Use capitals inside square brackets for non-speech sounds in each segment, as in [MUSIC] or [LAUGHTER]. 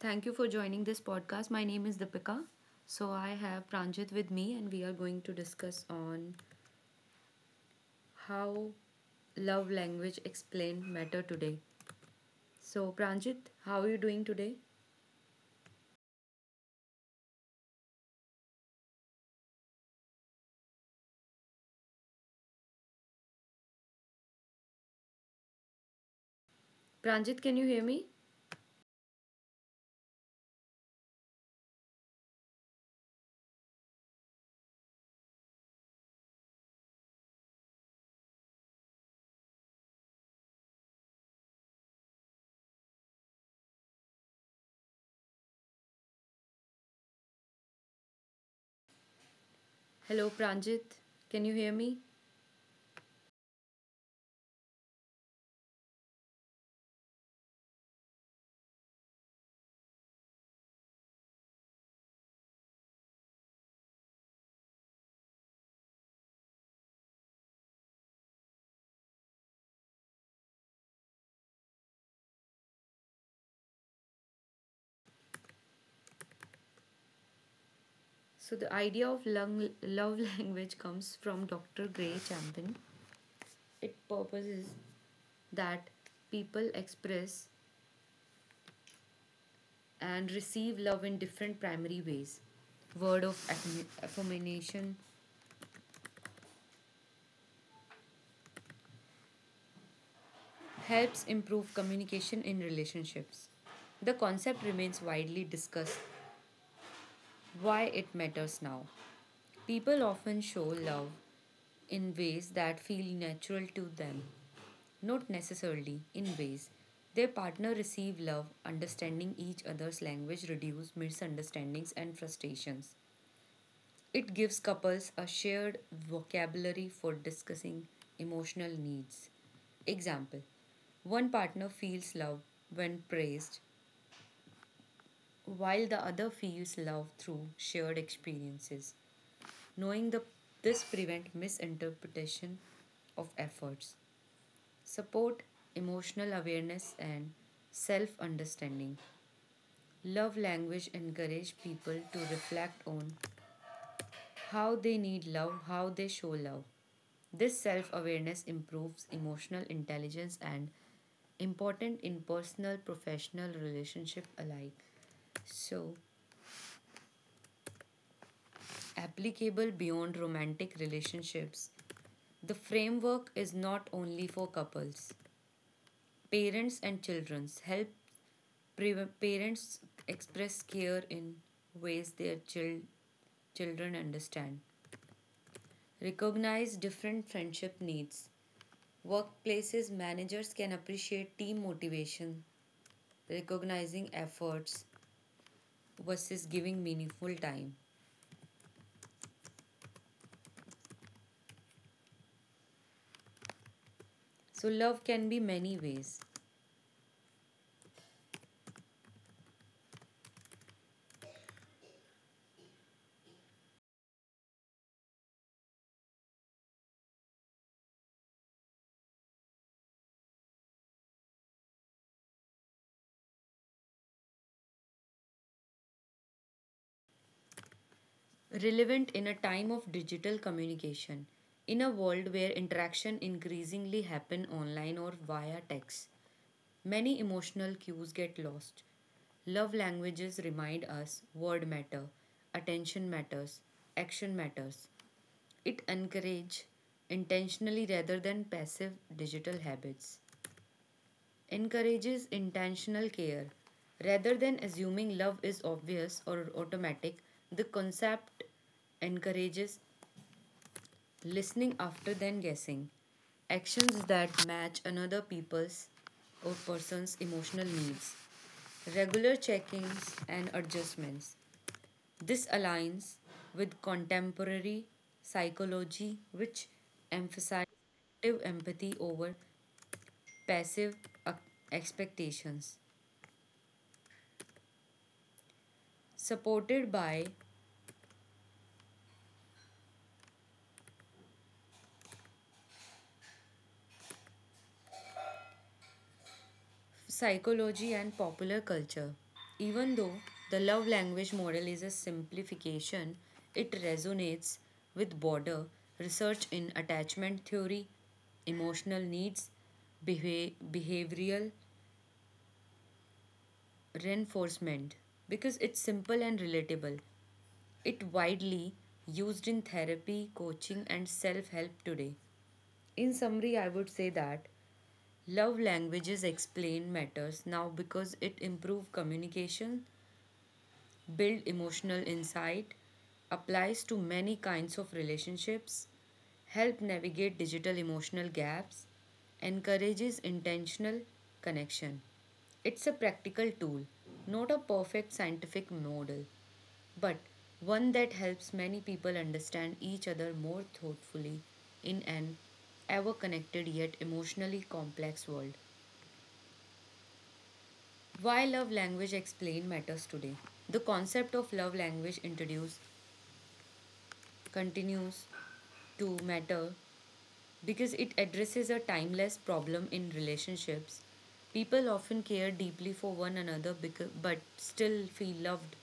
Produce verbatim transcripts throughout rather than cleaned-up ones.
Thank you for joining this podcast. My name is Deepika. So I have Pranjit with me and we are going to discuss on how love language explained matter today. So Pranjit, how are you doing today? Pranjit, can you hear me? Hello Pranjit, can you hear me? So the idea of lung- love [LAUGHS] language comes from Doctor Gray Champion. Its purpose is that people express and receive love in different primary ways. Word of affirm- affirmation helps improve communication in relationships. The concept remains widely discussed why it matters now. People often show love in ways that feel natural to them, not necessarily in ways their partner receive love, understanding each other's language reduce misunderstandings and frustrations. It gives couples a shared vocabulary for discussing emotional needs. Example: one partner feels love when praised, while the other feels love through shared experiences. Knowing the, this prevents misinterpretation of efforts, support emotional awareness, and self understanding. Love language encourage people to reflect on how they need love, how they show love. This self awareness improves emotional intelligence and important in personal professional relationship alike. So, applicable beyond romantic relationships, the framework is not only for couples. Parents and children help pre- parents express care in ways their chil- children understand. Recognize different friendship needs. Workplaces managers can appreciate team motivation recognizing efforts versus giving meaningful time. So, love can be many ways. Relevant in a time of digital communication, in a world where interaction increasingly happen online or via text, many emotional cues get lost. Love languages remind us word matter, attention matters, action matters. It encourage intentionally rather than passive digital habits. Encourages intentional care. Rather than assuming love is obvious or automatic, the concept encourages listening after then guessing. Actions that match another people's or person's emotional needs. Regular check-ins and adjustments. This aligns with contemporary psychology, which emphasizes active empathy over passive ac- expectations. Supported by psychology and popular culture. Even though the love language model is a simplification, it resonates with broader research in attachment theory, emotional needs, beha- behavioral reinforcement because it's simple and relatable. It widely used in therapy, coaching and self-help today. In summary, I would say that love languages explain matters now because it improves communication, build emotional insight, applies to many kinds of relationships, help navigate digital emotional gaps, encourages intentional connection. It's a practical tool, not a perfect scientific model, but one that helps many people understand each other more thoughtfully in an ever connected yet emotionally complex world. Why love language explain matters today. The concept of love language introduced continues to matter because it addresses a timeless problem in relationships. People often care deeply for one another becau- but still feel loved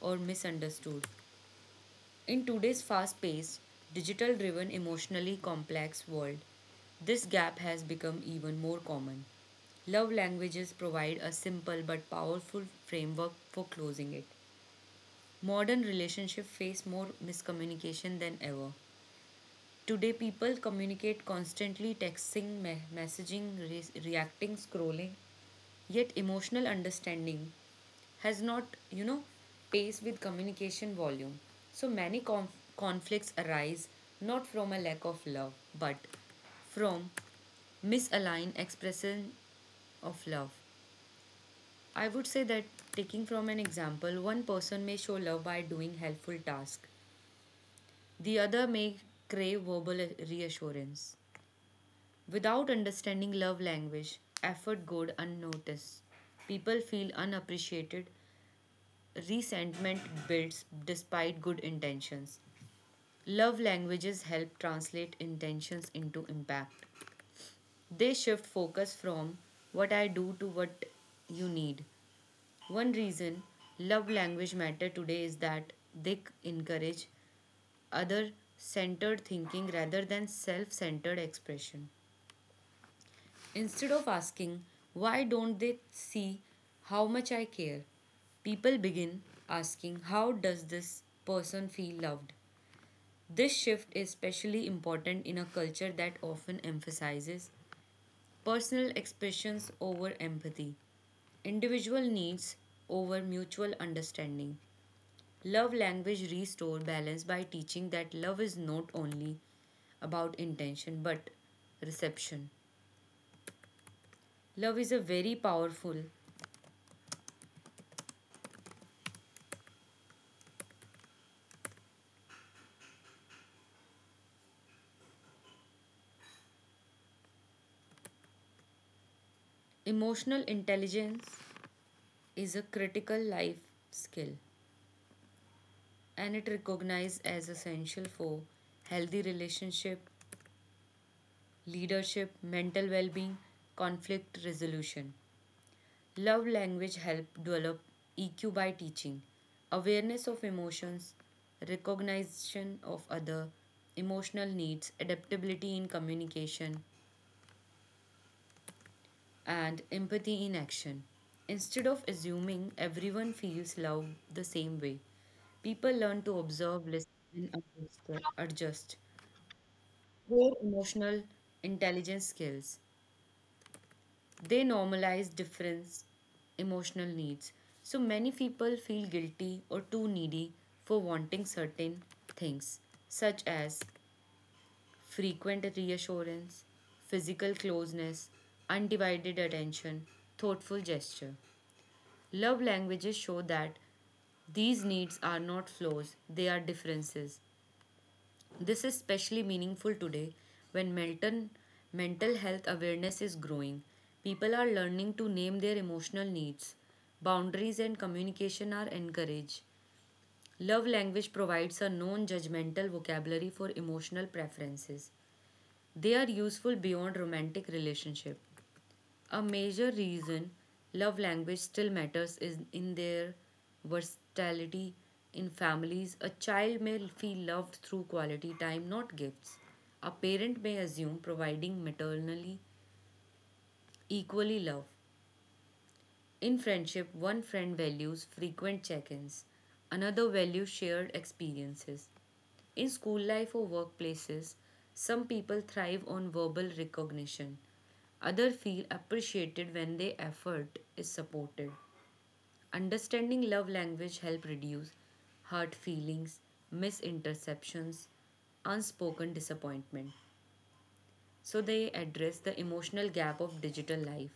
or misunderstood. In today's fast paced, digital driven, emotionally complex world, this gap has become even more common. Love languages provide a simple but powerful framework for closing it. Modern relationships face more miscommunication than ever. Today, people communicate constantly, texting, me- messaging, re- reacting, scrolling. Yet, emotional understanding has not, you know, pace with communication volume. So, many conf- conflicts arise not from a lack of love, but from misaligned expression of love. I would say that taking from an example, one person may show love by doing helpful tasks. The other may crave verbal reassurance. Without understanding love language, effort goes unnoticed. People feel unappreciated. Resentment builds despite good intentions. Love languages help translate intentions into impact. They shift focus from what I do to what you need. One reason love language matter today is that they encourage other centered thinking rather than self centered expression. Instead of asking, why don't they see how much I care? People begin asking, how does this person feel loved? This shift is especially important in a culture that often emphasizes personal expressions over empathy, individual needs over mutual understanding. Love language restore balance by teaching that love is not only about intention but reception. Love is a very powerful emotional intelligence is a critical life skill and it recognized as essential for healthy relationship, leadership, mental well-being, conflict resolution. Love language help develop E Q by teaching awareness of emotions, recognition of other emotional needs, adaptability in communication, and empathy in action. Instead of assuming everyone feels love the same way, people learn to observe, listen, and adjust. Core emotional intelligence skills. They normalize difference emotional needs so many people feel guilty or too needy for wanting certain things such as frequent reassurance, physical closeness, undivided attention, thoughtful gesture. Love languages show that these needs are not flaws, they are differences. This is especially meaningful today when mental, mental health awareness is growing. People are learning to name their emotional needs. Boundaries and communication are encouraged. Love language provides a non judgmental vocabulary for emotional preferences. They are useful beyond romantic relationship. A major reason love language still matters is in their versatility. In families, a child may feel loved through quality time, not gifts. A parent may assume providing maternally equally love. In friendship, one friend values frequent check ins, another values shared experiences. In school life or workplaces, some people thrive on verbal recognition. Others feel appreciated when their effort is supported. Understanding love language help reduce hurt feelings, misinterceptions, unspoken disappointment. So they address the emotional gap of digital life.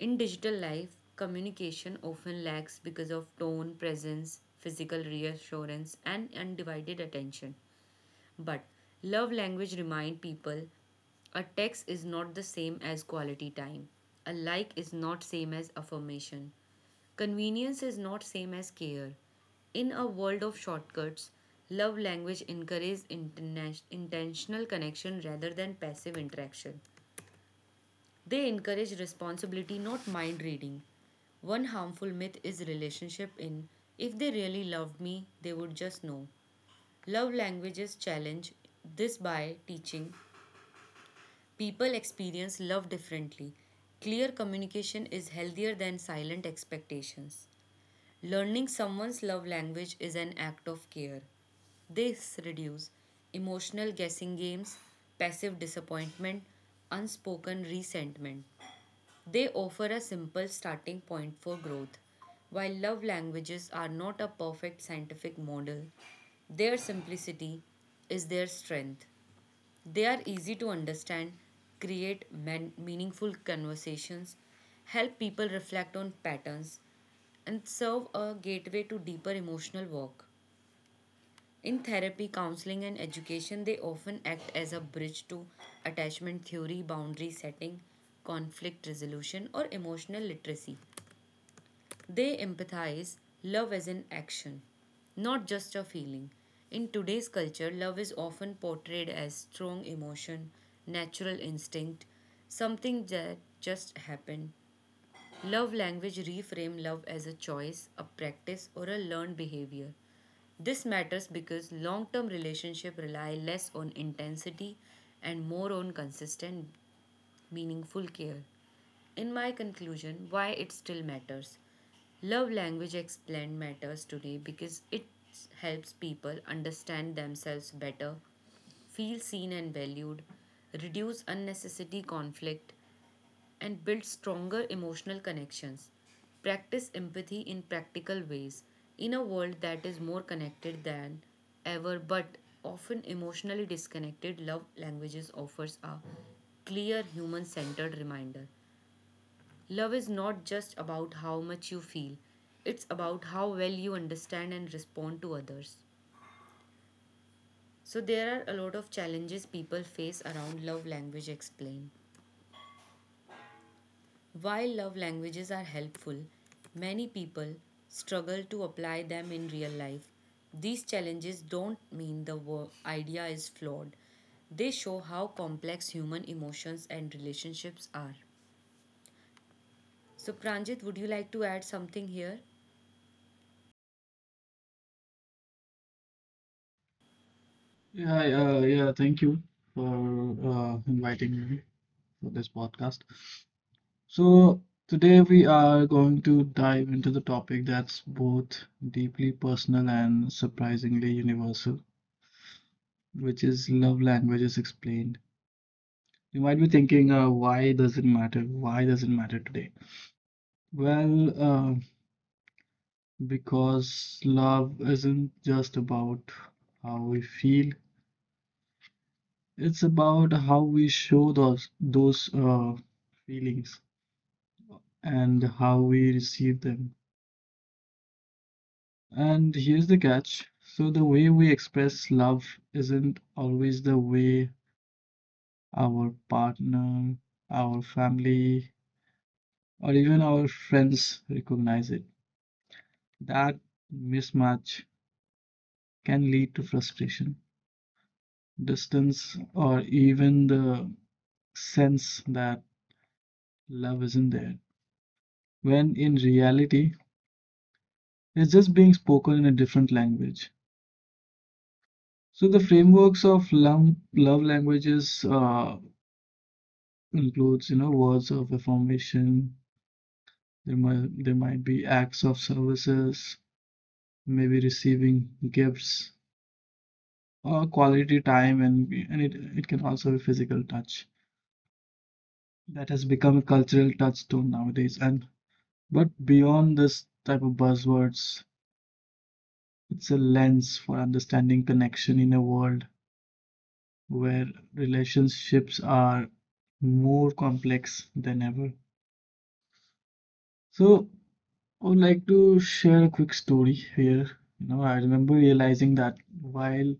In digital life, communication often lacks because of tone, presence, physical reassurance, and undivided attention. But love language remind people a text is not the same as quality time. A like is not same as affirmation. Convenience is not same as care. In a world of shortcuts, love language encourages interna- intentional connection rather than passive interaction. They encourage responsibility, not mind reading. One harmful myth is relationship in if they really loved me, they would just know. Love languages challenge this by teaching people experience love differently. Clear communication is healthier than silent expectations. Learning someone's love language is an act of care. This reduces emotional guessing games, passive disappointment, unspoken resentment. They offer a simple starting point for growth. While love languages are not a perfect scientific model, their simplicity is their strength. They are easy to understand, create man- meaningful conversations, help people reflect on patterns, and serve a gateway to deeper emotional work. In therapy, counseling, and education, they often act as a bridge to attachment theory, boundary setting, conflict resolution, or emotional literacy. They empathize love as an action, not just a feeling. In today's culture, love is often portrayed as strong emotion, natural instinct, something that just happened. Love language reframe love as a choice, a practice, or a learned behavior. This matters because long term relationships rely less on intensity and more on consistent, meaningful care. In my conclusion, why it still matters. Love language explained matters today because it helps people understand themselves better, feel seen and valued, reduce unnecessary conflict, and build stronger emotional connections. Practice empathy in practical ways in a world that is more connected than ever but often emotionally disconnected. Love languages offers a clear human centered reminder. Love is not just about how much you feel, it's about how well you understand and respond to others. So, there are a lot of challenges people face around love language explain. While love languages are helpful, many people struggle to apply them in real life. These challenges don't mean the wo- idea is flawed, they show how complex human emotions and relationships are. So, Pranjit, would you like to add something here? Yeah, I, uh, yeah, thank you for uh, inviting me for this podcast. So, today we are going to dive into the topic that's both deeply personal and surprisingly universal, which is love languages explained. You might be thinking, uh, why does it matter? Why does it matter today? Well, uh, because love isn't just about how we feel, it's about how we show those those uh, feelings and how we receive them. And here's the catch. So the way we express love isn't always the way our partner, our family, or even our friends recognize it. That mismatch can lead to frustration, distance, or even the sense that love isn't there, when in reality, it's just being spoken in a different language. So the frameworks of love, love languages uh, includes, you know, words of affirmation. There might there might be acts of services, maybe receiving gifts or quality time, and and it it can also be physical touch. That has become a cultural touchstone nowadays. And but beyond this type of buzzwords, it's a lens for understanding connection in a world where relationships are more complex than ever. So I would like to share a quick story here. You know, I remember realizing that while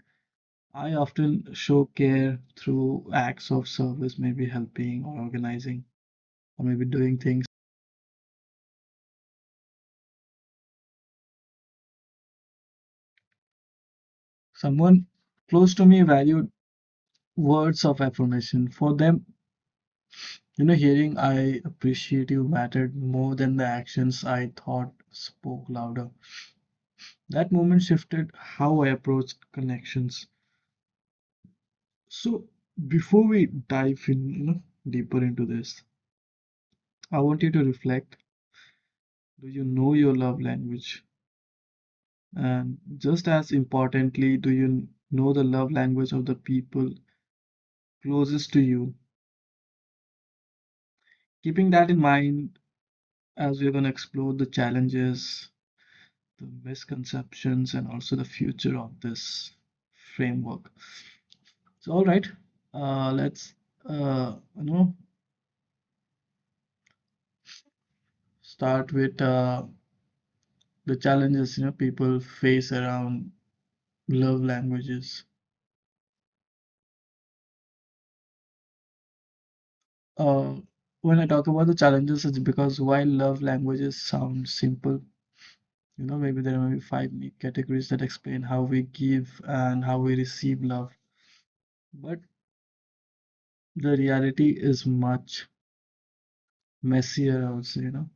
I often show care through acts of service, maybe helping or organizing, or maybe doing things, someone close to me valued words of affirmation. For them, you know, hearing "I appreciate you" mattered more than the actions I thought spoke louder. That moment shifted how I approach connections. So, before we dive in, you know, deeper into this, I want you to reflect: do you know your love language? And just as importantly, do you know the love language of the people closest to you? Keeping that in mind as we're going to explore the challenges, the misconceptions, and also the future of this framework. So, all right, uh, let's uh, you know start with uh, the challenges you know people face around love languages. Uh, when I talk about the challenges, it's because while love languages sound simple, you know, maybe there may be five main categories that explain how we give and how we receive love. But the reality is much messier, I would say, you know.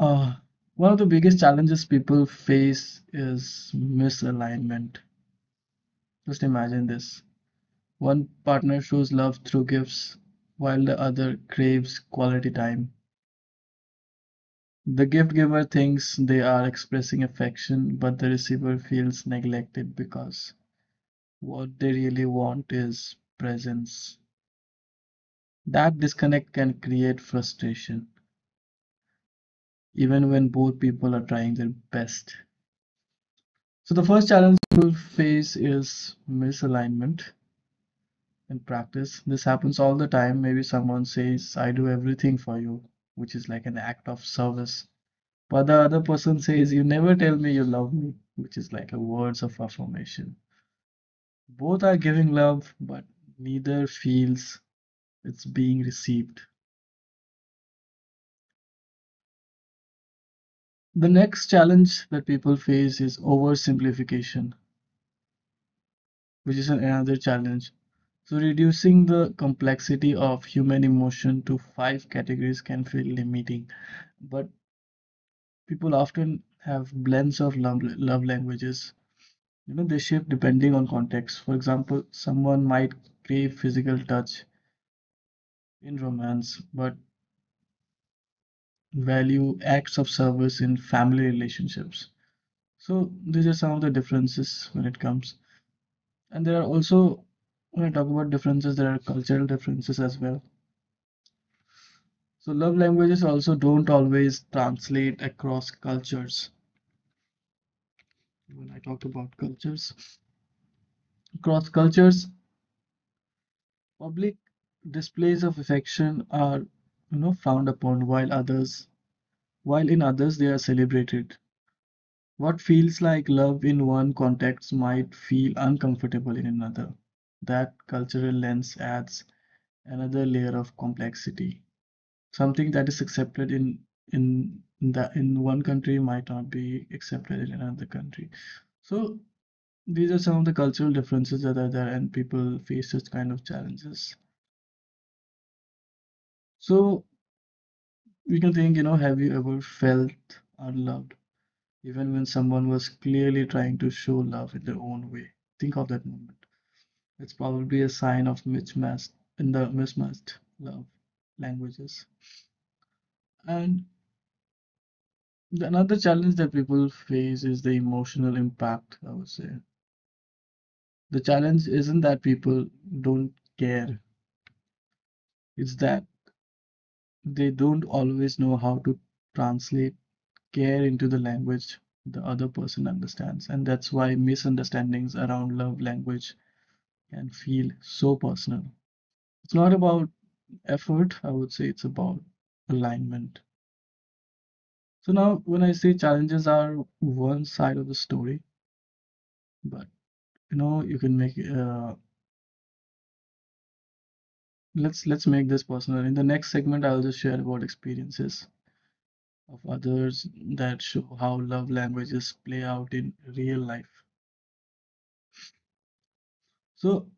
Uh, one of the biggest challenges people face is misalignment. Just imagine this. One partner shows love through gifts, while the other craves quality time. The gift giver thinks they are expressing affection, but the receiver feels neglected because what they really want is presence. That disconnect can create frustration, even when both people are trying their best. So, the first challenge we'll face is misalignment in practice. This happens all the time. Maybe someone says, "I do everything for you," which is like an act of service. But the other person says, "You never tell me you love me," which is like a words of affirmation. Both are giving love, but neither feels it's being received. The next challenge that people face is oversimplification, which is another challenge. So, reducing the complexity of human emotion to five categories can feel limiting, but people often have blends of love, love languages. You know, they shift depending on context. For example, someone might crave physical touch in romance, but value acts of service in family relationships. So these are some of the differences when it comes. And there are also, when I talk about differences, there are cultural differences as well. So love languages also don't always translate across cultures. When I talked about cultures, across cultures, public displays of affection are you know frowned upon, while others while in others they are celebrated. What feels like love in one context might feel uncomfortable in another. That cultural lens adds another layer of complexity. Something that is accepted in in the in one country might not be accepted in another country. So these are some of the cultural differences that are there, and people face such kind of challenges. So we can think, you know, have you ever felt unloved even when someone was clearly trying to show love in their own way? Think of that moment. It's probably a sign of mismatched in the mismatched love languages. And the- another challenge that people face is the emotional impact, I would say. The challenge isn't that people don't care, it's that they don't always know how to translate care into the language the other person understands. And that's why misunderstandings around love language can feel so personal. It's not about effort, I would say, it's about alignment. So now, when I say challenges are one side of the story, but you know, you can make uh, let's let's make this personal. In the next segment, I'll just share about experiences of others that show how love languages play out in real life. So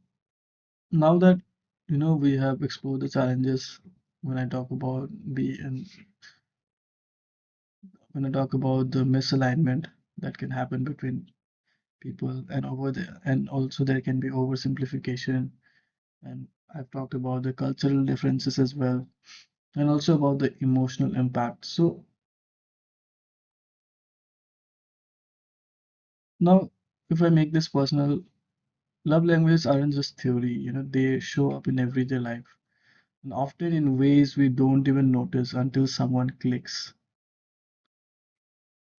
now that you know we have explored the challenges, when I talk about the and when I talk about the misalignment that can happen between people, and over the and also there can be oversimplification, and I've talked about the cultural differences as well, and also about the emotional impact. So now, if I make this personal, love languages aren't just theory, you know, they show up in everyday life and often in ways we don't even notice until someone clicks.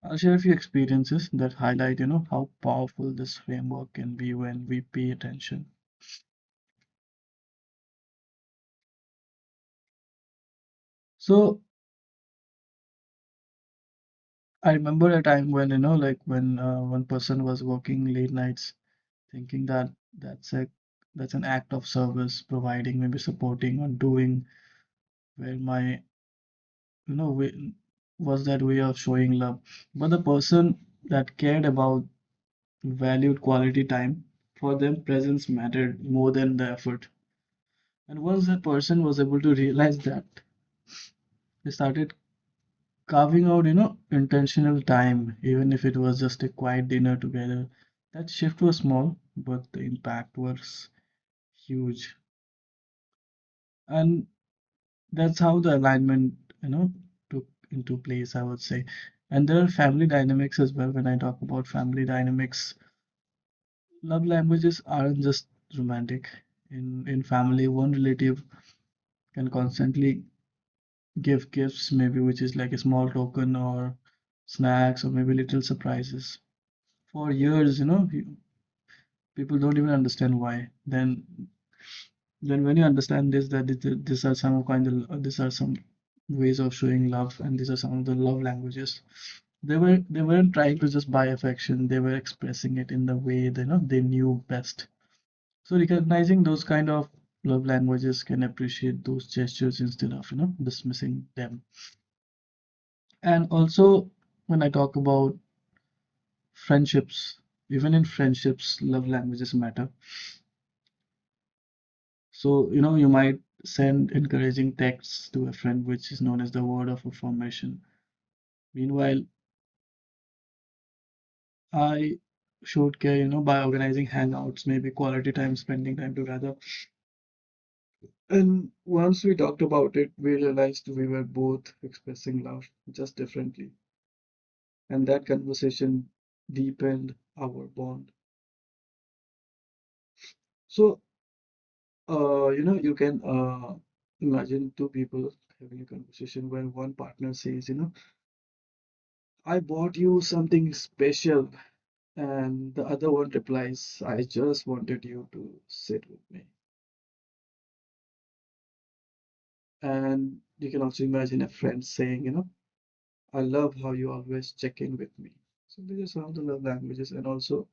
I'll share a few experiences that highlight, you know, how powerful this framework can be when we pay attention. So I remember a time when, you know, like when uh, one person was working late nights, thinking that that's a that's an act of service, providing, maybe supporting or doing, where my, you know, way, was that way of showing love. But the person that cared about valued quality time. For them, presence mattered more than the effort. And once that person was able to realize that, they started carving out, you know, intentional time, even if it was just a quiet dinner together. That shift was small, but the impact was huge. And that's how the alignment, you know, took into place, I would say. And there are family dynamics as well. When I talk about family dynamics, love languages aren't just romantic. In in family, one relative can constantly give gifts, maybe which is like a small token or snacks or maybe little surprises for years, you know, people don't even understand why. Then, then when you understand this, that it- these are some kind of, uh, these are some ways of showing love, and these are some of the love languages. They were they weren't trying to just buy affection. They were expressing it in the way they you know they knew best. So recognizing those kind of love languages can appreciate those gestures instead of you know dismissing them. And also, when I talk about friendships, even in friendships, love languages matter. So, you know, you might send encouraging texts to a friend, which is known as the word of affirmation. Meanwhile, I showed care, you know, by organizing hangouts, maybe quality time, spending time together. And once we talked about it, we realized we were both expressing love just differently. And that conversation deepened our bond. So, uh, you know, you can uh, imagine two people having a conversation where one partner says, you know, "I bought you something special." And the other one replies, "I just wanted you to sit with me." And you can also imagine a friend saying, you know, "I love how you always check in with me." So these are some of the love languages. And also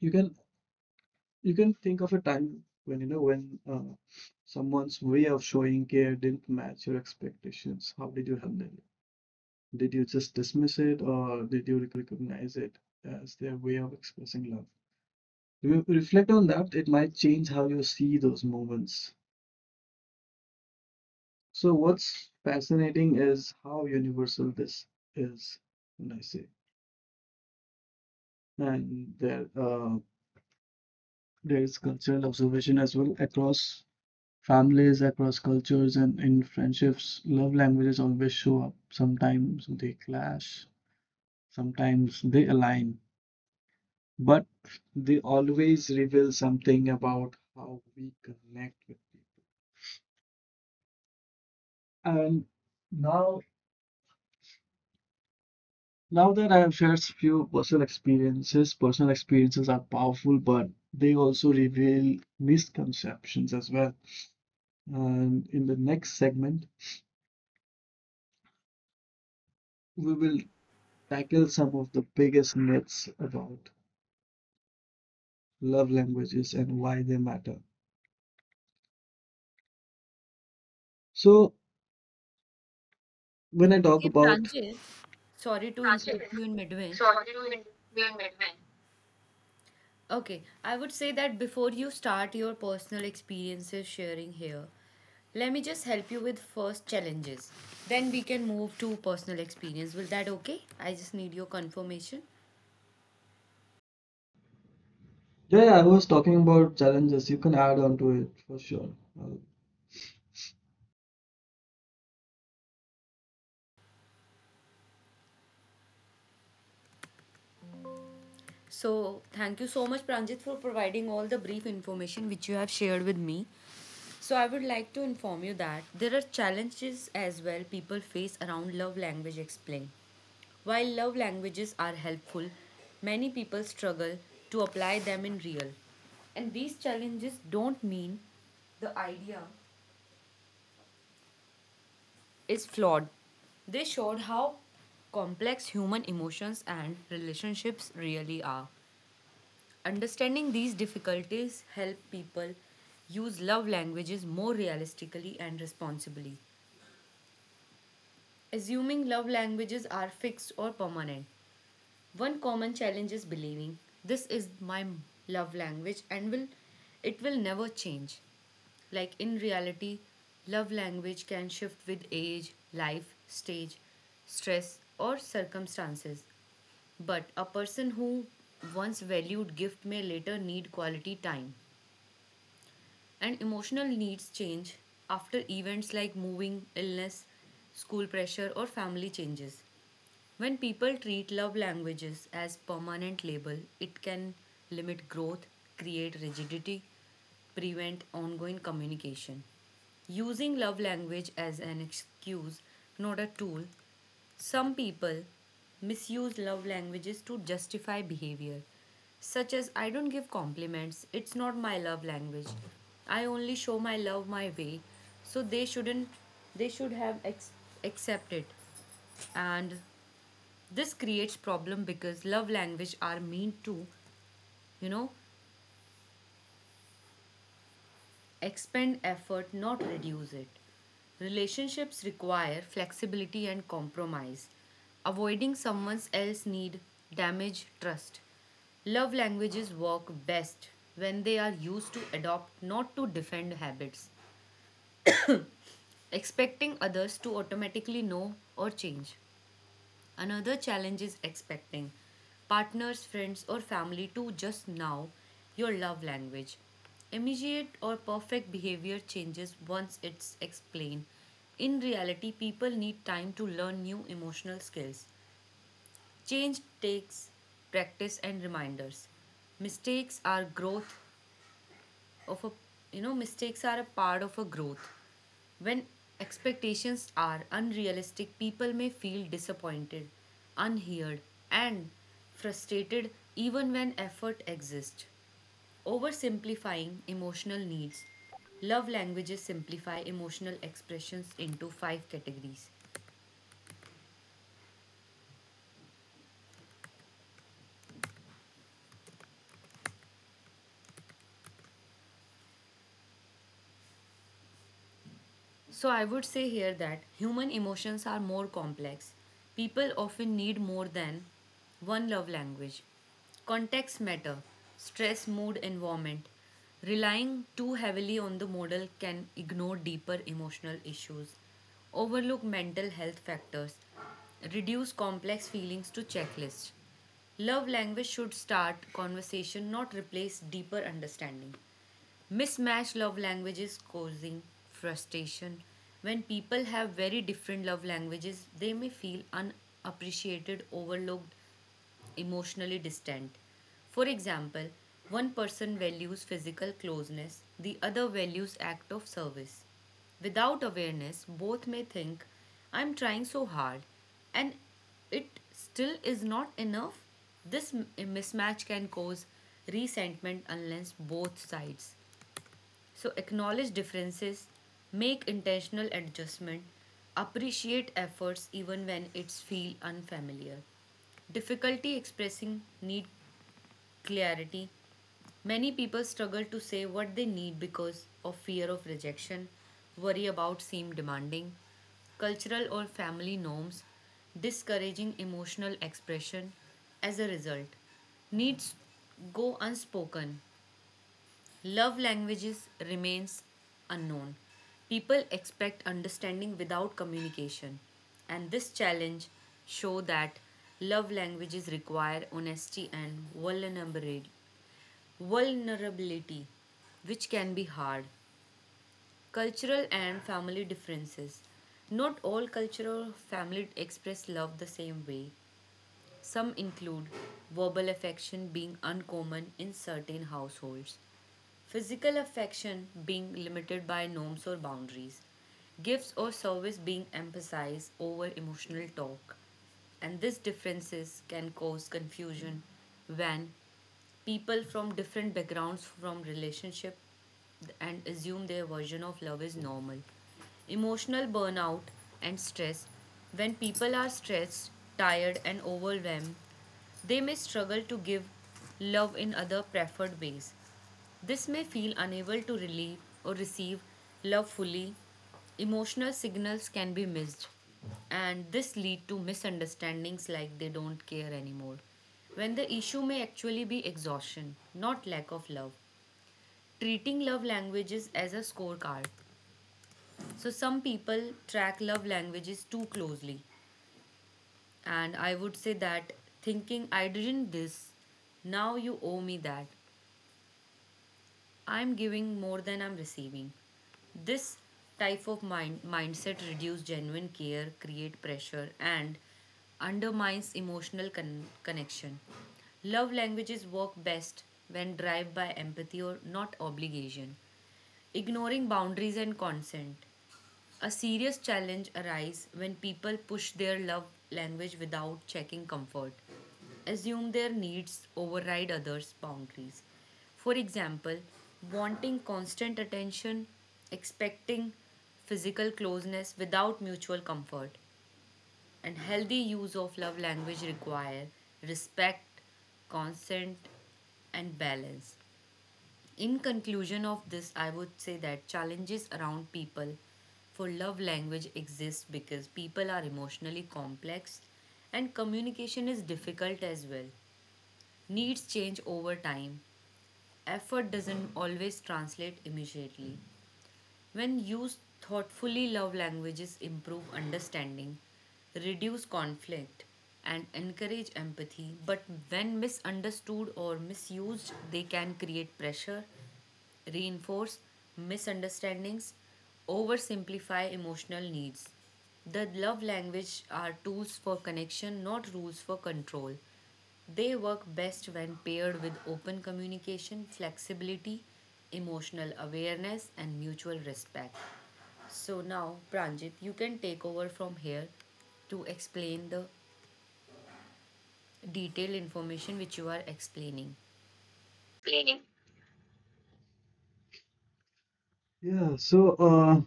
you can you can think of a time when you know when uh, someone's way of showing care didn't match your expectations. How did you handle it? Did you just dismiss it, or did you recognize it as their way of expressing love? Re- reflect on that, it might change how you see those moments. So what's fascinating is how universal this is, and I say, and there uh, there is cultural observation as well, across families, across cultures, and in friendships. Love languages always show up. Sometimes they clash, sometimes they align, but they always reveal something about how we connect with people. And now Now that I have shared few personal experiences, personal experiences are powerful, but they also reveal misconceptions as well. And in the next segment, we will tackle some of the biggest myths about love languages and why they matter. So, when I talk Okay, about, Pranjit, sorry to yeah, interrupt you in midway. Okay, I would say that before you start your personal experiences sharing here, let me just help you with first challenges. Then we can move to personal experience. Will that okay? I just need your confirmation. yeah, I was talking about challenges. You can add on to it for sure. Uh, So, thank you so much, Pranjit, for providing all the brief information which you have shared with me. So, I would like to inform you that there are challenges as well people face around love language explain. While love languages are helpful, many people struggle to apply them in real. And these challenges don't mean the idea is flawed. They showed how complex human emotions and relationships really are. Understanding these difficulties help people use love languages more realistically and responsibly. Assuming love languages are fixed or permanent, one common challenge is believing this is my love language and will it will never change. Like in reality, love language can shift with age, life, stage, stress, or circumstances. But a person who once valued gift may later need quality time and emotional needs change after events like moving, illness, school pressure, or family changes. When people treat love languages as permanent label, it can limit growth, create rigidity, prevent ongoing communication. Using love language as an excuse, not a tool, some people misuse love languages to justify behavior, such as I don't give compliments, it's not my love language. I only show my love my way, so they shouldn't they should have ex- accepted, and this creates problem because love language are meant to, you know, expend effort, not reduce it. Relationships require flexibility and compromise. Avoiding someone else's need damage trust. Love languages work best when they are used to adopt, not to defend habits, expecting others to automatically know or change. Another challenge is expecting partners, friends, or family to just now your love language. Immediate or perfect behavior changes once it's explained. In reality, people need time to learn new emotional skills. Change takes practice and reminders. Mistakes are growth of a you know mistakes are a part of a growth. When expectations are unrealistic, people may feel disappointed, unheard, and frustrated even when effort exists. Oversimplifying emotional needs. Love languages simplify emotional expressions into five categories. So I would say here that human emotions are more complex. People often need more than one love language. Context matter, stress, mood, environment. Relying too heavily on the model can ignore deeper emotional issues, overlook mental health factors, reduce complex feelings to checklists. Love language should start conversation, not replace deeper understanding. Mismatched love languages causing frustration. When people have very different love languages, they may feel unappreciated, overlooked, emotionally distant. For example, one person values physical closeness, the other values act of service. Without awareness, both may think, "I'm trying so hard, and it still is not enough." This m- mismatch can cause resentment unless both sides so acknowledge differences, make intentional adjustment, appreciate efforts even when it's feel unfamiliar. Difficulty expressing need clarity. Many people struggle to say what they need because of fear of rejection, worry about seem demanding, cultural or family norms, discouraging emotional expression. As a result, needs go unspoken. Love languages remains unknown. People expect understanding without communication, and this challenge show that love languages require honesty and vulnerabili- vulnerability, which can be hard. Cultural and family differences. Not all cultural families express love the same way. Some include verbal affection being uncommon in certain households. Physical affection being limited by norms or boundaries, gifts or service being emphasized over emotional talk, and these differences can cause confusion when people from different backgrounds from relationship and assume their version of love is normal emotional burnout and stress when people are stressed tired and overwhelmed they may struggle to give love in other preferred ways this may feel unable to relieve or receive love fully. Emotional signals can be missed, and this lead to misunderstandings like they don't care anymore. When the issue may actually be exhaustion, not lack of love. Treating love languages as a scorecard. So some people track love languages too closely, and I would say that thinking I didn't this, now you owe me that, I'm giving more than I'm receiving. This type of mind mindset reduces genuine care, create pressure, and undermines emotional con- connection. Love languages work best when driven by empathy or not obligation. Ignoring boundaries and consent, a serious challenge arises when people push their love language without checking comfort, assume their needs override others' boundaries. For example, wanting constant attention, expecting physical closeness without mutual comfort, and healthy use of love language require respect, consent, and balance. In conclusion of this, I would say that challenges around people for love language exist because people are emotionally complex and communication is difficult as well. Needs change over time. Effort doesn't always translate immediately. When used thoughtfully, love languages improve understanding, reduce conflict, and encourage empathy. But when misunderstood or misused, they can create pressure reinforce misunderstandings, oversimplify emotional needs. The love language are tools for connection, not rules for control. They work best when paired with open communication, flexibility, emotional awareness, and mutual respect. So now, Pranjit, you can take over from here to explain the detailed information which you are explaining. yeah, so uh,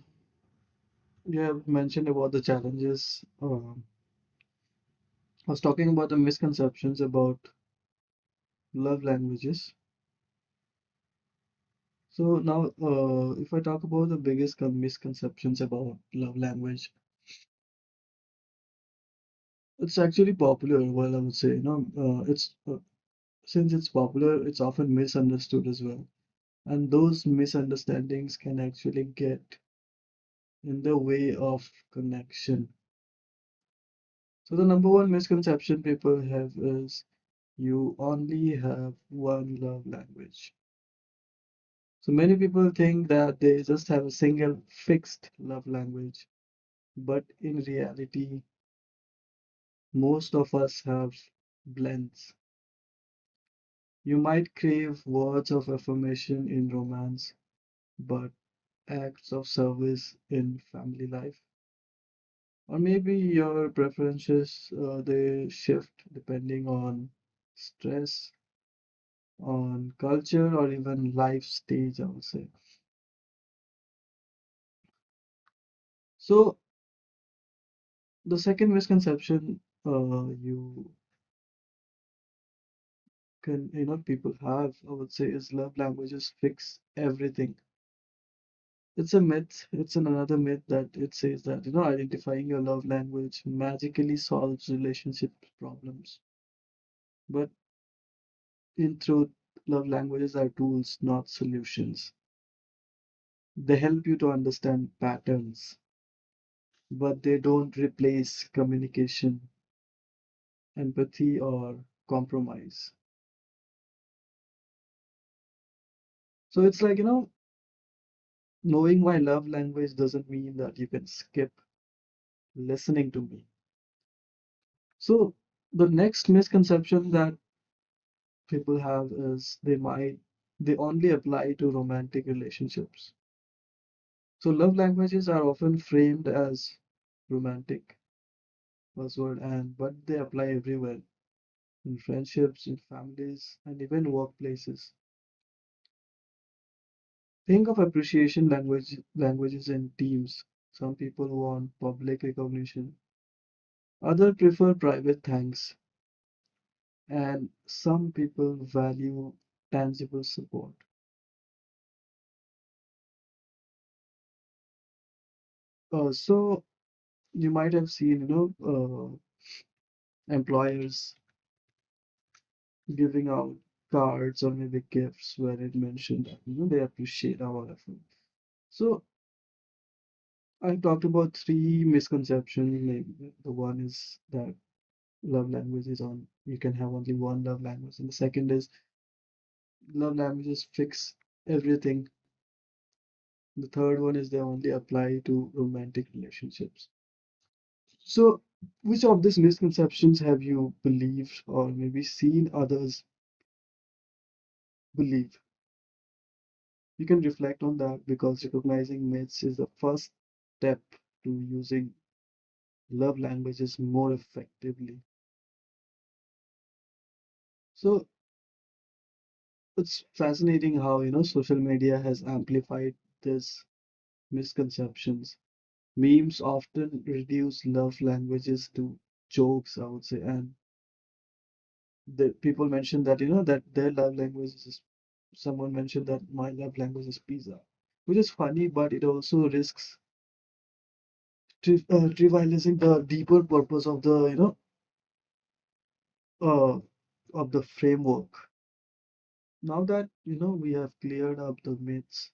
you have mentioned about the challenges. Um, I was talking about the misconceptions about love languages. So now, uh, if I talk about the biggest con misconceptions about love language, it's actually popular. Well, I would say, you know, uh, it's uh, since it's popular, it's often misunderstood as well. And those misunderstandings can actually get in the way of connection. So the number one misconception people have is you only have one love language. So many people think that they just have a single fixed love language, but in reality, most of us have blends. You might crave words of affirmation in romance, but acts of service in family life. Or maybe your preferences uh, they shift depending on stress, on culture, or even life stage, I would say. So the second misconception, uh, you can you know people have, I would say, is love languages fix everything. It's a myth. It's an another myth that it says that, you know identifying your love language magically solves relationship problems. But in truth, love languages are tools, not solutions. They help you to understand patterns, but they don't replace communication, empathy, or compromise. So it's like, you know knowing my love language doesn't mean that you can skip listening to me. So the next misconception that people have is they might they only apply to romantic relationships. So love languages are often framed as romantic buzzword, and but they apply everywhere: in friendships, in families, and even workplaces. Think of appreciation language languages in teams. Some people want public recognition, others prefer private thanks, and some people value tangible support. Uh, so you might have seen, you know, uh, employers giving out cards or maybe gifts where it mentioned that, you know, they appreciate our effort. So I talked about three misconceptions. Maybe the one is that love language is on, you can have only one love language. And the second is love languages fix everything. The third one is they only apply to romantic relationships. So which of these misconceptions have you believed or maybe seen others believe? You can reflect on that, because recognizing myths is the first step to using love languages more effectively. So it's fascinating how, you know, social media has amplified these misconceptions. Memes often reduce love languages to jokes, I would say, and the people mentioned that, you know, that their love language is, someone mentioned that my love language is pizza, which is funny, but it also risks tri- uh, trivializing the deeper purpose of the you know uh, of the framework. Now that you know we have cleared up the myths,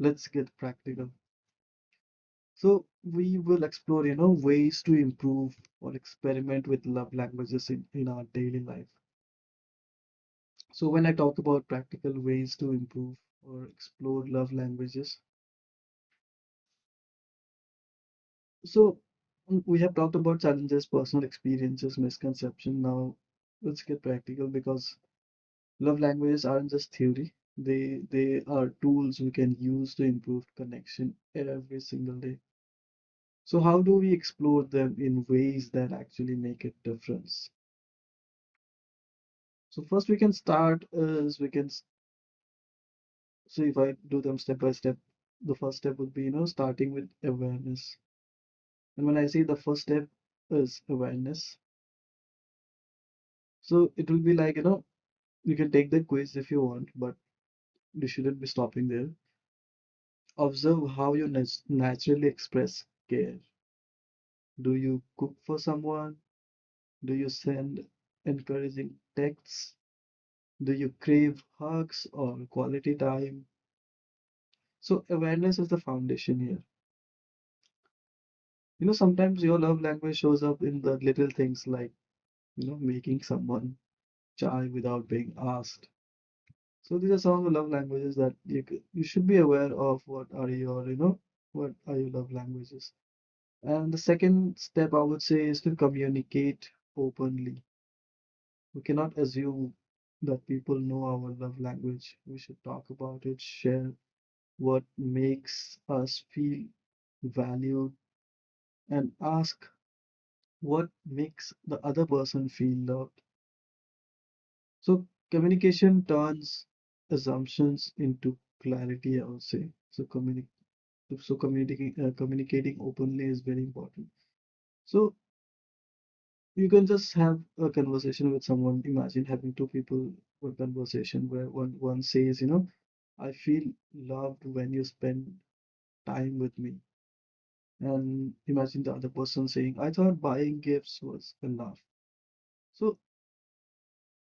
let's get practical. So we will explore, you know ways to improve or experiment with love languages in, in our daily life. So when I talk about practical ways to improve or explore love languages, so mm, we have talked about challenges, personal experiences, misconception. Now let's get practical, because love languages aren't just theory. They they are tools we can use to improve connection every single day. So how do we explore them in ways that actually make a difference? So first we can start is we can so if I do them step by step, the first step would be, you know starting with awareness. And when I say the first step is awareness, so it will be like, you know you can take the quiz if you want, but you shouldn't be stopping there. Observe how you nat naturally express care. Do you cook for someone? Do you send encouraging texts? Do you crave hugs or quality time? So, awareness is the foundation here. You know, sometimes your love language shows up in the little things, like, you know, making someone chai without being asked. So, these are some of the love languages that you, you should be aware of, what are your, you know, what are your love languages. And the second step, I would say, is to communicate openly. We cannot assume that people know our love language. We should talk about it, share what makes us feel valued, and ask what makes the other person feel loved. So, communication turns assumptions into clarity, I would say. So, communi- so communicating, uh, communicating openly is very important. So, you can just have a conversation with someone. Imagine having two people, one conversation, where one, one says, you know, I feel loved when you spend time with me. And imagine the other person saying, I thought buying gifts was enough. So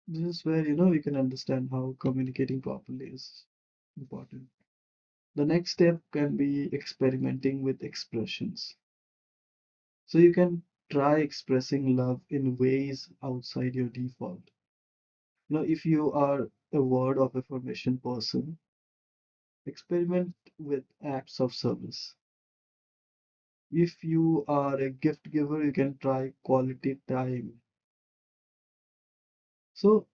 this is where, you know, we can understand how communicating properly is important. The next step can be experimenting with expressions. So you can try expressing love in ways outside your default. You know, if you are a word of affirmation person, experiment with acts of service. If you are a gift giver, you can try quality time. So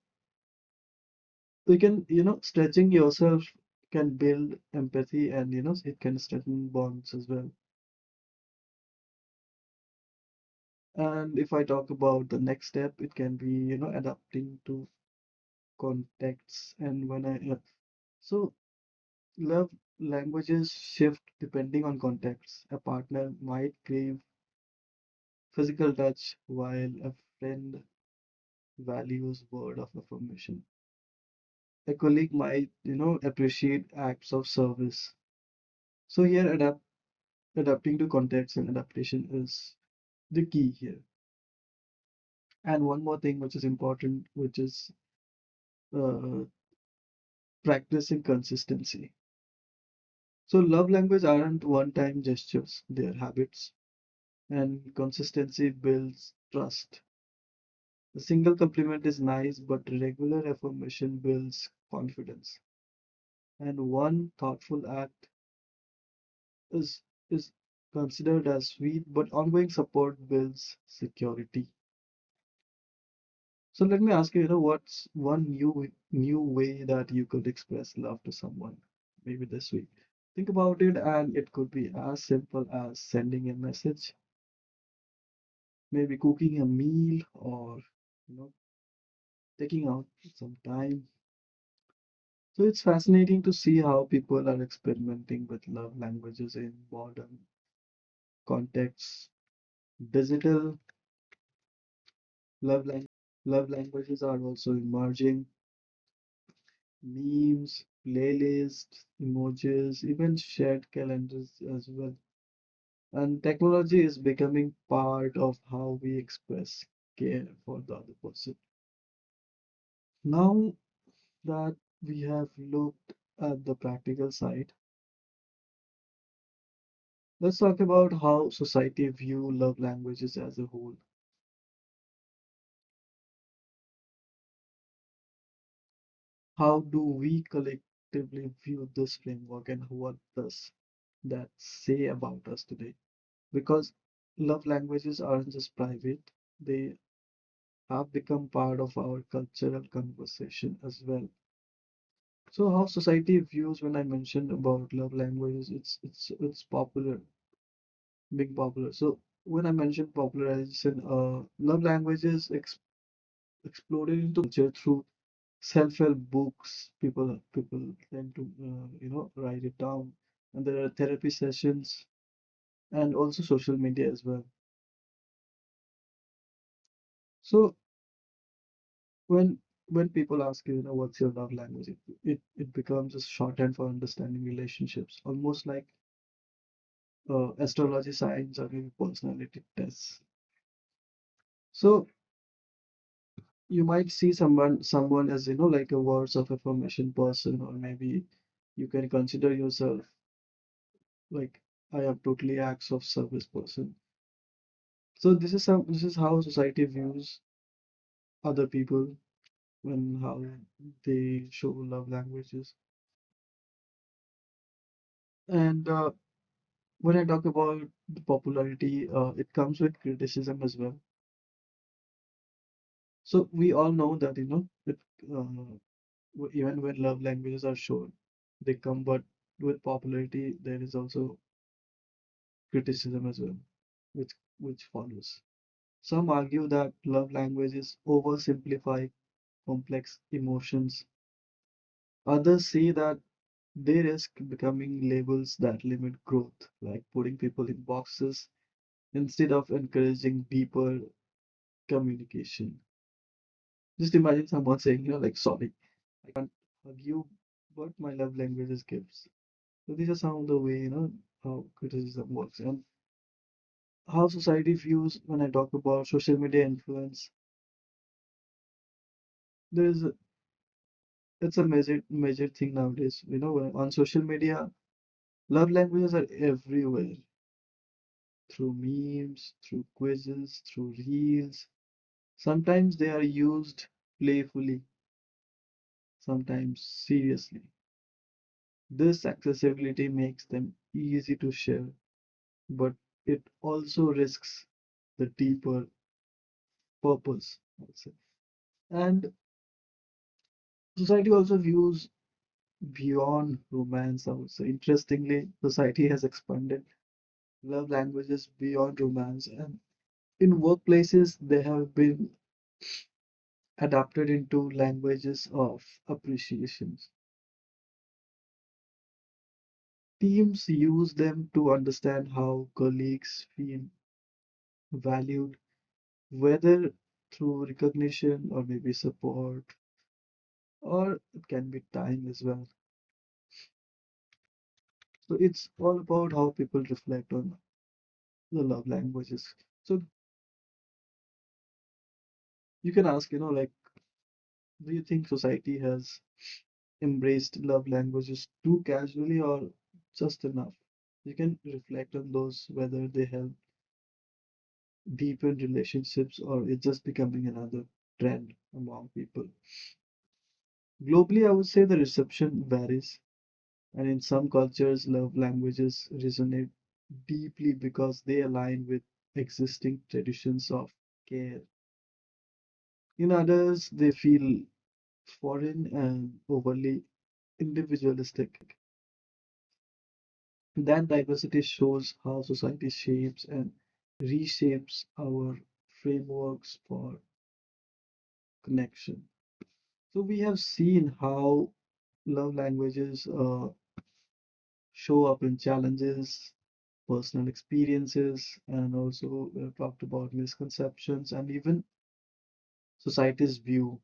you can, you know, stretching yourself can build empathy, and, you know, it can strengthen bonds as well. And if I talk about the next step, it can be, you know, adapting to contexts, and when I, yeah. So love languages shift depending on context. A partner might crave physical touch, while a friend values word of affirmation. A colleague might, you know, appreciate acts of service. So here, adapt adapting to context and adaptation is the key here. And one more thing which is important, which is, uh, practicing consistency. So love language aren't one-time gestures; they are habits, and consistency builds trust. A single compliment is nice, but regular affirmation builds confidence. And one thoughtful act is is considered as weak, but ongoing support builds security. So let me ask you, you know, what's one new new way that you could express love to someone, maybe this week? Think about it, and it could be as simple as sending a message, maybe cooking a meal, or, you know, taking out some time. So it's fascinating to see how people are experimenting with love languages in modern contexts. Digital love languages are also emerging. Memes, playlists, emojis, even shared calendars as well. And technology is becoming part of how we express care for the other person. Now that we have looked at the practical side, let's talk about how society view love languages as a whole. How do we collectively view this framework, and what does that say about us today? Because love languages aren't just private, they have become part of our cultural conversation as well. So how society views when I mentioned about love languages, it's it's it's popular, being popular. So when I mentioned popularization, uh, love languages ex exploded into mainstream culture through self-help books. People people tend to, uh, you know write it down, and there are therapy sessions and also social media as well. So When when people ask you, you know, what's your love language, it it, it becomes a shorthand for understanding relationships, almost like, uh, astrology signs or maybe personality tests. So you might see someone someone as, you know like a words of affirmation person, or maybe you can consider yourself like I am totally acts of service person. So this is some this is how society views other people when how they show love languages. And uh, when I talk about the popularity, uh, it comes with criticism as well. So we all know that, you know, it, uh, w- even when love languages are shown, they come, but with popularity, there is also criticism as well, which which follows. Some argue that love languages oversimplify complex emotions. Others see that they risk becoming labels that limit growth, like putting people in boxes instead of encouraging deeper communication. Just imagine someone saying, you know, like, sorry, I can't hug you, but my love language is gifts. So these are some of the way, you know, how criticism works and how society views when I talk about social media influence. There's a- it's a measured measured thing nowadays. You know, when- on social media, love languages are everywhere, through memes, through quizzes, through reels. Sometimes they are used playfully, sometimes seriously. This accessibility makes them easy to share, but it also risks the deeper purpose, I would say. And society also views beyond romance, I would say. Interestingly, society has expanded love languages beyond romance, and in workplaces, they have been adapted into languages of appreciations. Teams use them to understand how colleagues feel valued, whether through recognition or maybe support, or it can be time as well. So it's all about how people reflect on the love languages. So you can ask, you know, like, do you think society has embraced love languages too casually or just enough? You can reflect on those, whether they help deepen relationships or it's just becoming another trend among people. Globally, I would say, the reception varies, and in some cultures, love languages resonate deeply because they align with existing traditions of care. In others, they feel foreign and overly individualistic. That diversity shows how society shapes and reshapes our frameworks for connection. So, we have seen how love languages, uh, show up in challenges, personal experiences, and also we have talked about misconceptions and even society's view.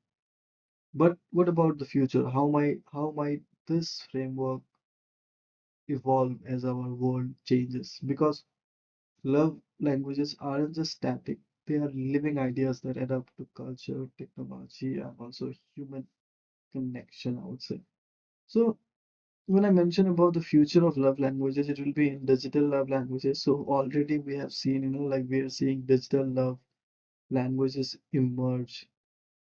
But what about the future? How might how might this framework evolve as our world changes? Because love languages aren't just static, they are living ideas that adapt to culture, technology, and also human connection, I would say. So, when I mention about the future of love languages, it will be in digital love languages. So, already we have seen, you know, like we are seeing digital love languages emerge.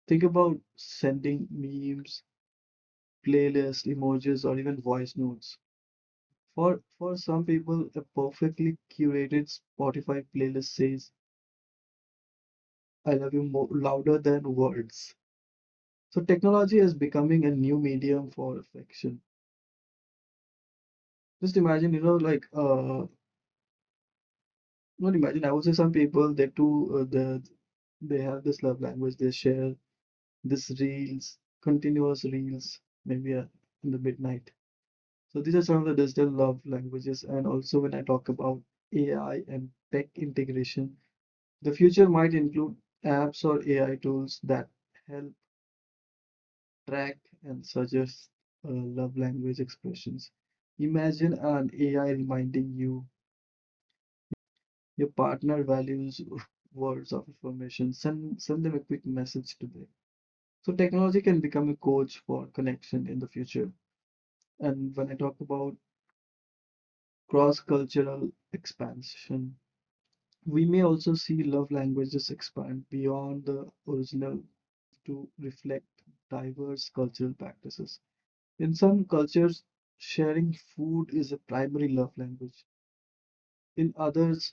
Think about sending memes, playlists, emojis, or even voice notes. For for some people, a perfectly curated Spotify playlist says, I love you, more louder than words. So technology is becoming a new medium for affection. Just imagine, you know, like uh not imagine, I would say, some people, they do uh, the they have this love language, they share this reels, continuous reels, maybe uh, in the midnight. So these are some of the digital love languages. And also when I talk about A I and tech integration, the future might include apps or A I tools that help track and suggest uh, love language expressions. Imagine an A I reminding you your partner values [LAUGHS] words of affirmation. Send send them a quick message today. So technology can become a coach for connection in the future. And when I talk about cross-cultural expansion, we may also see love languages expand beyond the original five to reflect diverse cultural practices. In some cultures, sharing food is a primary love language. In others,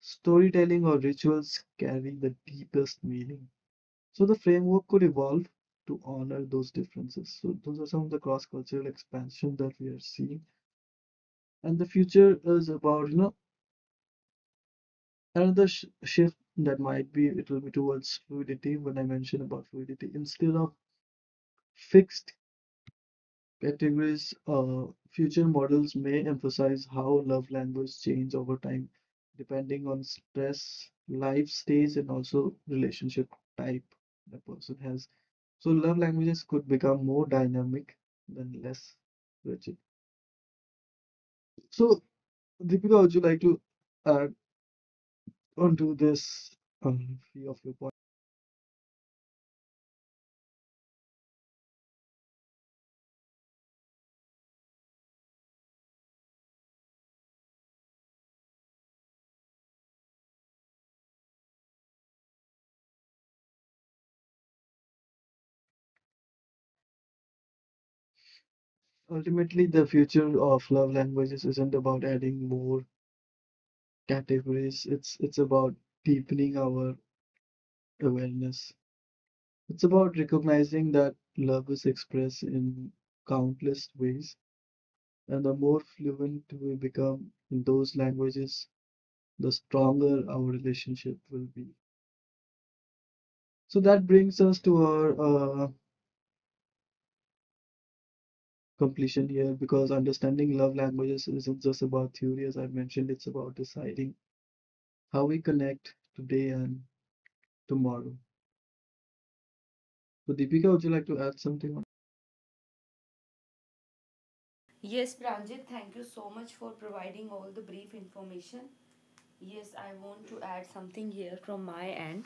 storytelling or rituals carry the deepest meaning. So the framework could evolve to honor those differences. So those are some of the cross-cultural expansion that we are seeing. And the future is about, you know, another sh shift that might be, it will be towards fluidity. When I mentioned about fluidity instead of fixed categories, uh, future models may emphasize how love language change over time, depending on stress, life stage, and also relationship type the person has. So love languages could become more dynamic than less rigid. So, Deepika, would you like to add onto this um, few of your points? Ultimately, the future of love languages isn't about adding more categories. It's it's about deepening our awareness. It's about recognizing that love is expressed in countless ways, and the more fluent we become in those languages, the stronger our relationship will be. So that brings us to our uh, completion here, because understanding love languages isn't just about theory, as I mentioned, it's about deciding how we connect today and tomorrow. So, Deepika, would you like to add something? On- Yes, Pranjit, thank you so much for providing all the brief information. Yes, I want to add something here from my end.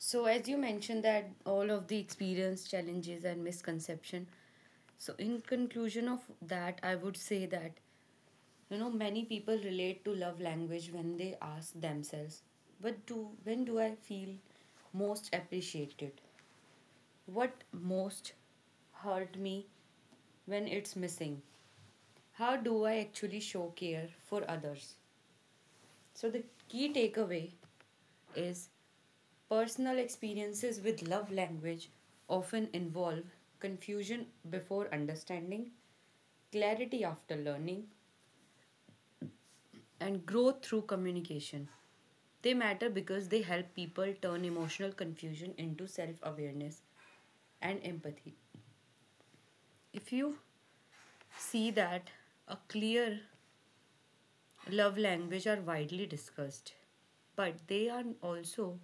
So, as you mentioned, that all of the experience, challenges, and misconception. So, in conclusion of that, I would say that you know many people relate to love language when they ask themselves, "What do when do I feel most appreciated? What most hurt me when it's missing? How do I actually show care for others?" So, the key takeaway is personal experiences with love language often involve confusion before understanding, clarity after learning, and growth through communication. They matter because they help people turn emotional confusion into self awareness and empathy. If you see that a clear love language are widely discussed, but they are also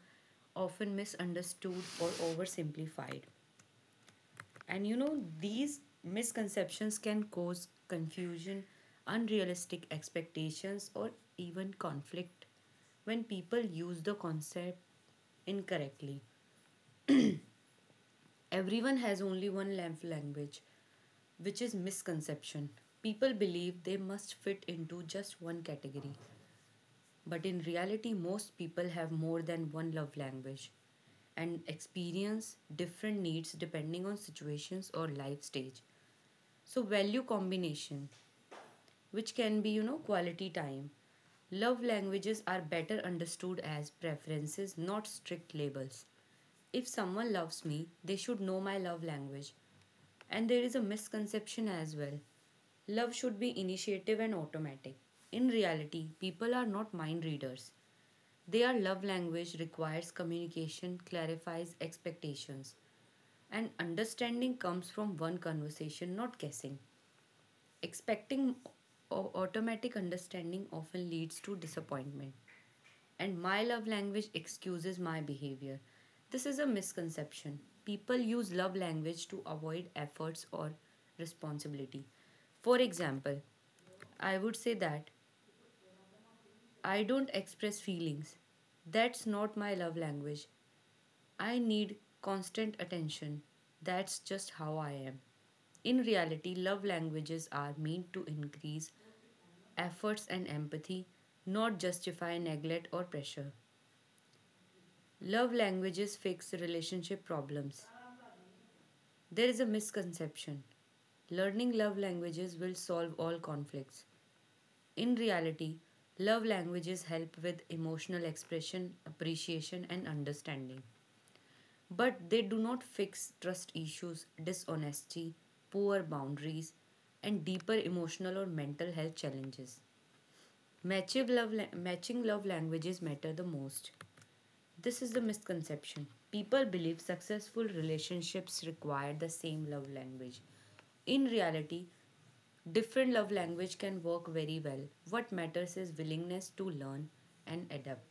often misunderstood or oversimplified. And you know, these misconceptions can cause confusion, unrealistic expectations, or even conflict when people use the concept incorrectly. Everyone has only one love language, which is misconception. People believe they must fit into just one category. But in reality, most people have more than one love language and experience different needs depending on situations or life stage. So, value combination, which can be, you know, quality time. Love languages are better understood as preferences, not strict labels. If someone loves me, they should know my love language. And there is a misconception as well. Love should be initiative and automatic. In reality, people are not mind readers. Their love language requires communication, clarifies expectations, and understanding comes from one conversation, not guessing. Expecting au- automatic understanding often leads to disappointment, and my love language excuses my behavior. This is a misconception. People use love language to avoid efforts or responsibility. For example, I would say that I don't express feelings. That's not my love language. I need constant attention. That's just how I am. In reality, love languages are meant to increase efforts and empathy, not justify neglect or pressure. Love languages fix relationship problems. There is a misconception. Learning love languages will solve all conflicts. In reality, love languages help with emotional expression, appreciation, and understanding, but they do not fix trust issues, dishonesty, poor boundaries, and deeper emotional or mental health challenges. Matching love, la- matching love languages matter the most. This is the misconception. People believe successful relationships require the same love language. In reality, different love language can work very well. What matters is willingness to learn and adapt.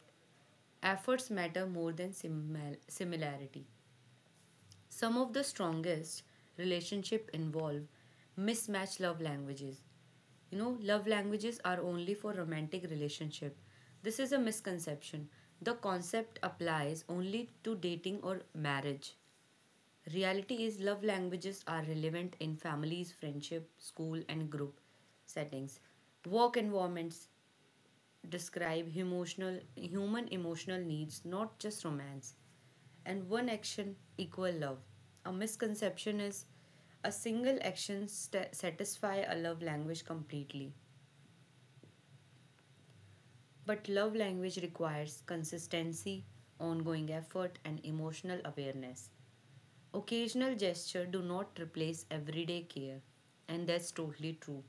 Efforts matter more than simil- similarity. Some of the strongest relationship involve mismatched love languages. You know, love languages are only for romantic relationship. This is a misconception. The concept applies only to dating or marriage. Reality is love languages are relevant in families, friendship, school and group settings. Work environments describe emotional human emotional needs, not just romance and one action equal love. A misconception is a single action st- satisfy a love language completely. But love language requires consistency, ongoing effort and emotional awareness. Occasional gesture do not replace everyday care and that's totally true.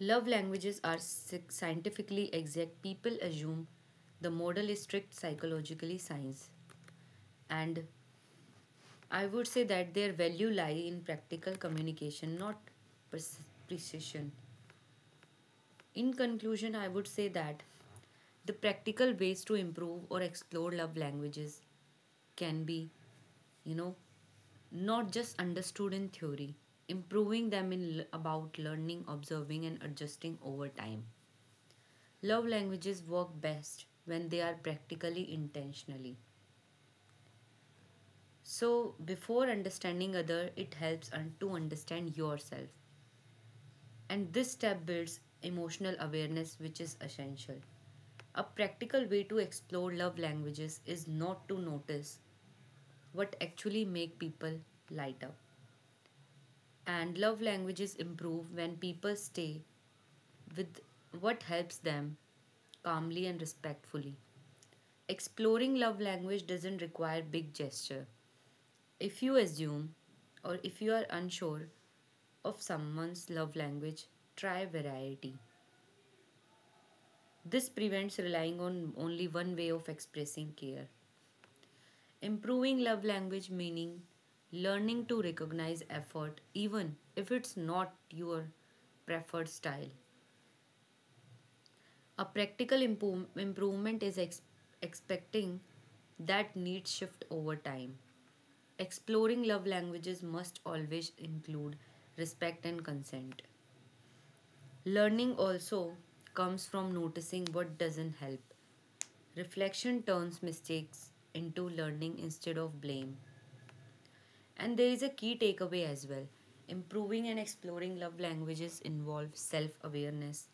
Love languages are scientifically exact. People assume the model is strict psychologically science and I would say that their value lie in practical communication, not pres- precision. In conclusion, I would say that the practical ways to improve or explore love languages can be, you know, not just understood in theory, improving them in l- about learning, observing, and adjusting over time. Love languages work best when they are practically intentionally. So, before understanding other, it helps un- to understand yourself. And this step builds emotional awareness, which is essential. A practical way to explore love languages is not to notice what actually make people light up. And love languages improve when people stay with what helps them calmly and respectfully. Exploring love language doesn't require big gesture. If you assume or if you are unsure of someone's love language, try variety. This prevents relying on only one way of expressing care. Improving love language meaning learning to recognize effort even if it's not your preferred style. A practical impo- improvement is ex- expecting that needs shift over time. Exploring love languages must always include respect and consent. Learning also comes from noticing what doesn't help. Reflection turns mistakes into learning instead of blame. And there is a key takeaway as well. Improving and exploring love languages involve self awareness,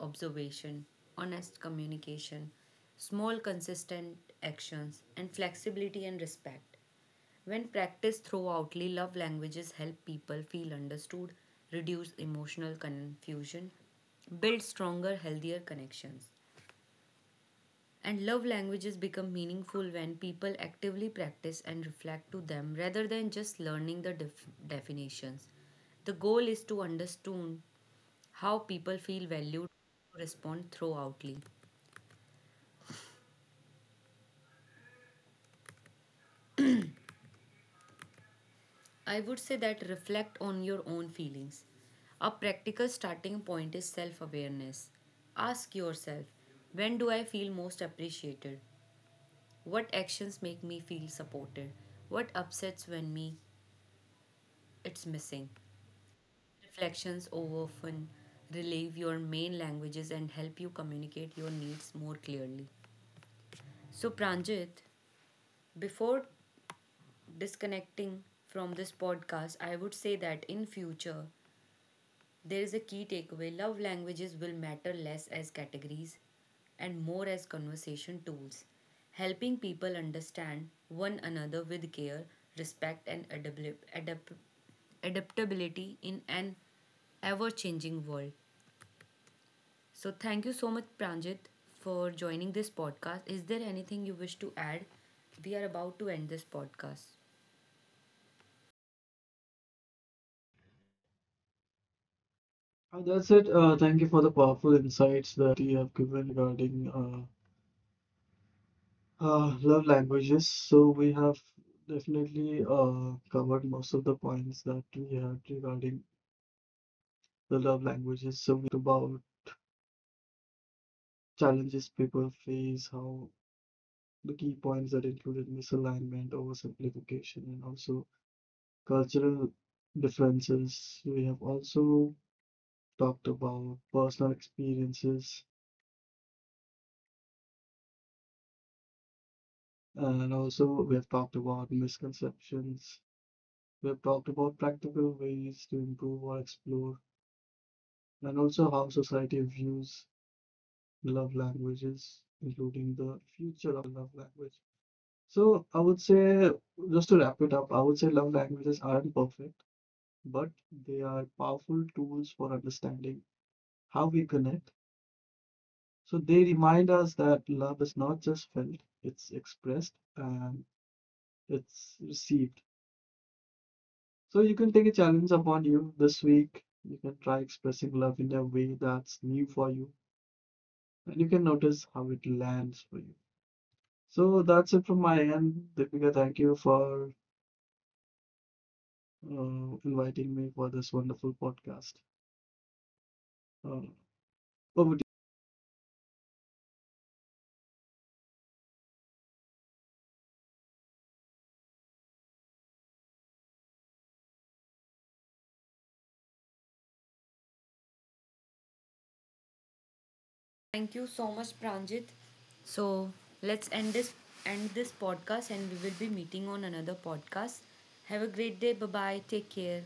observation, honest communication, small consistent actions, and flexibility and respect. When practiced throughoutly, love languages help people feel understood, reduce emotional confusion, build stronger, healthier connections. And love languages become meaningful when people actively practice and reflect to them rather than just learning the def- definitions. The goal is to understand how people feel valued respond throughoutly. I would say that reflect on your own feelings. A practical starting point is self awareness. Ask yourself, when do I feel most appreciated? What actions make me feel supported? What upsets when me it's missing? Reflections often relieve your main languages and help you communicate your needs more clearly. So, Pranjit, before disconnecting from this podcast, I would say that in future, there is a key takeaway love languages will matter less as categories and more as conversation tools, helping people understand one another with care, respect, and adabli- adap- adaptability in an ever changing world. So thank you so much, Pranjit, for joining this podcast. Is there anything you wish to add? We are about to end this podcast. Uh, That's it. Uh, thank you for the powerful insights that you have given regarding uh, Uh, love languages. So we have definitely uh, covered most of the points that we had regarding the love languages. So we have talked about challenges people face, how the key points that included misalignment, oversimplification, and also cultural differences. We have also talked about personal experiences, and also we have talked about misconceptions. We have talked about practical ways to improve or explore, and also how society views love languages, including the future of the love language. So I would say, just to wrap it up, I would say love languages aren't perfect, but they are powerful tools for understanding how we connect. So they remind us that love is not just felt, it's expressed and it's received. So you can take a challenge upon you this week. You can try expressing love in a way that's new for you, and you can notice how it lands for you. So that's it from my end. Deepika, thank you for uh, inviting me for this wonderful podcast. Uh, Over to Thank you so much, Pranjit. So let's end this end this podcast, and we will be meeting on another podcast. Have a great day. Bye bye. Take care.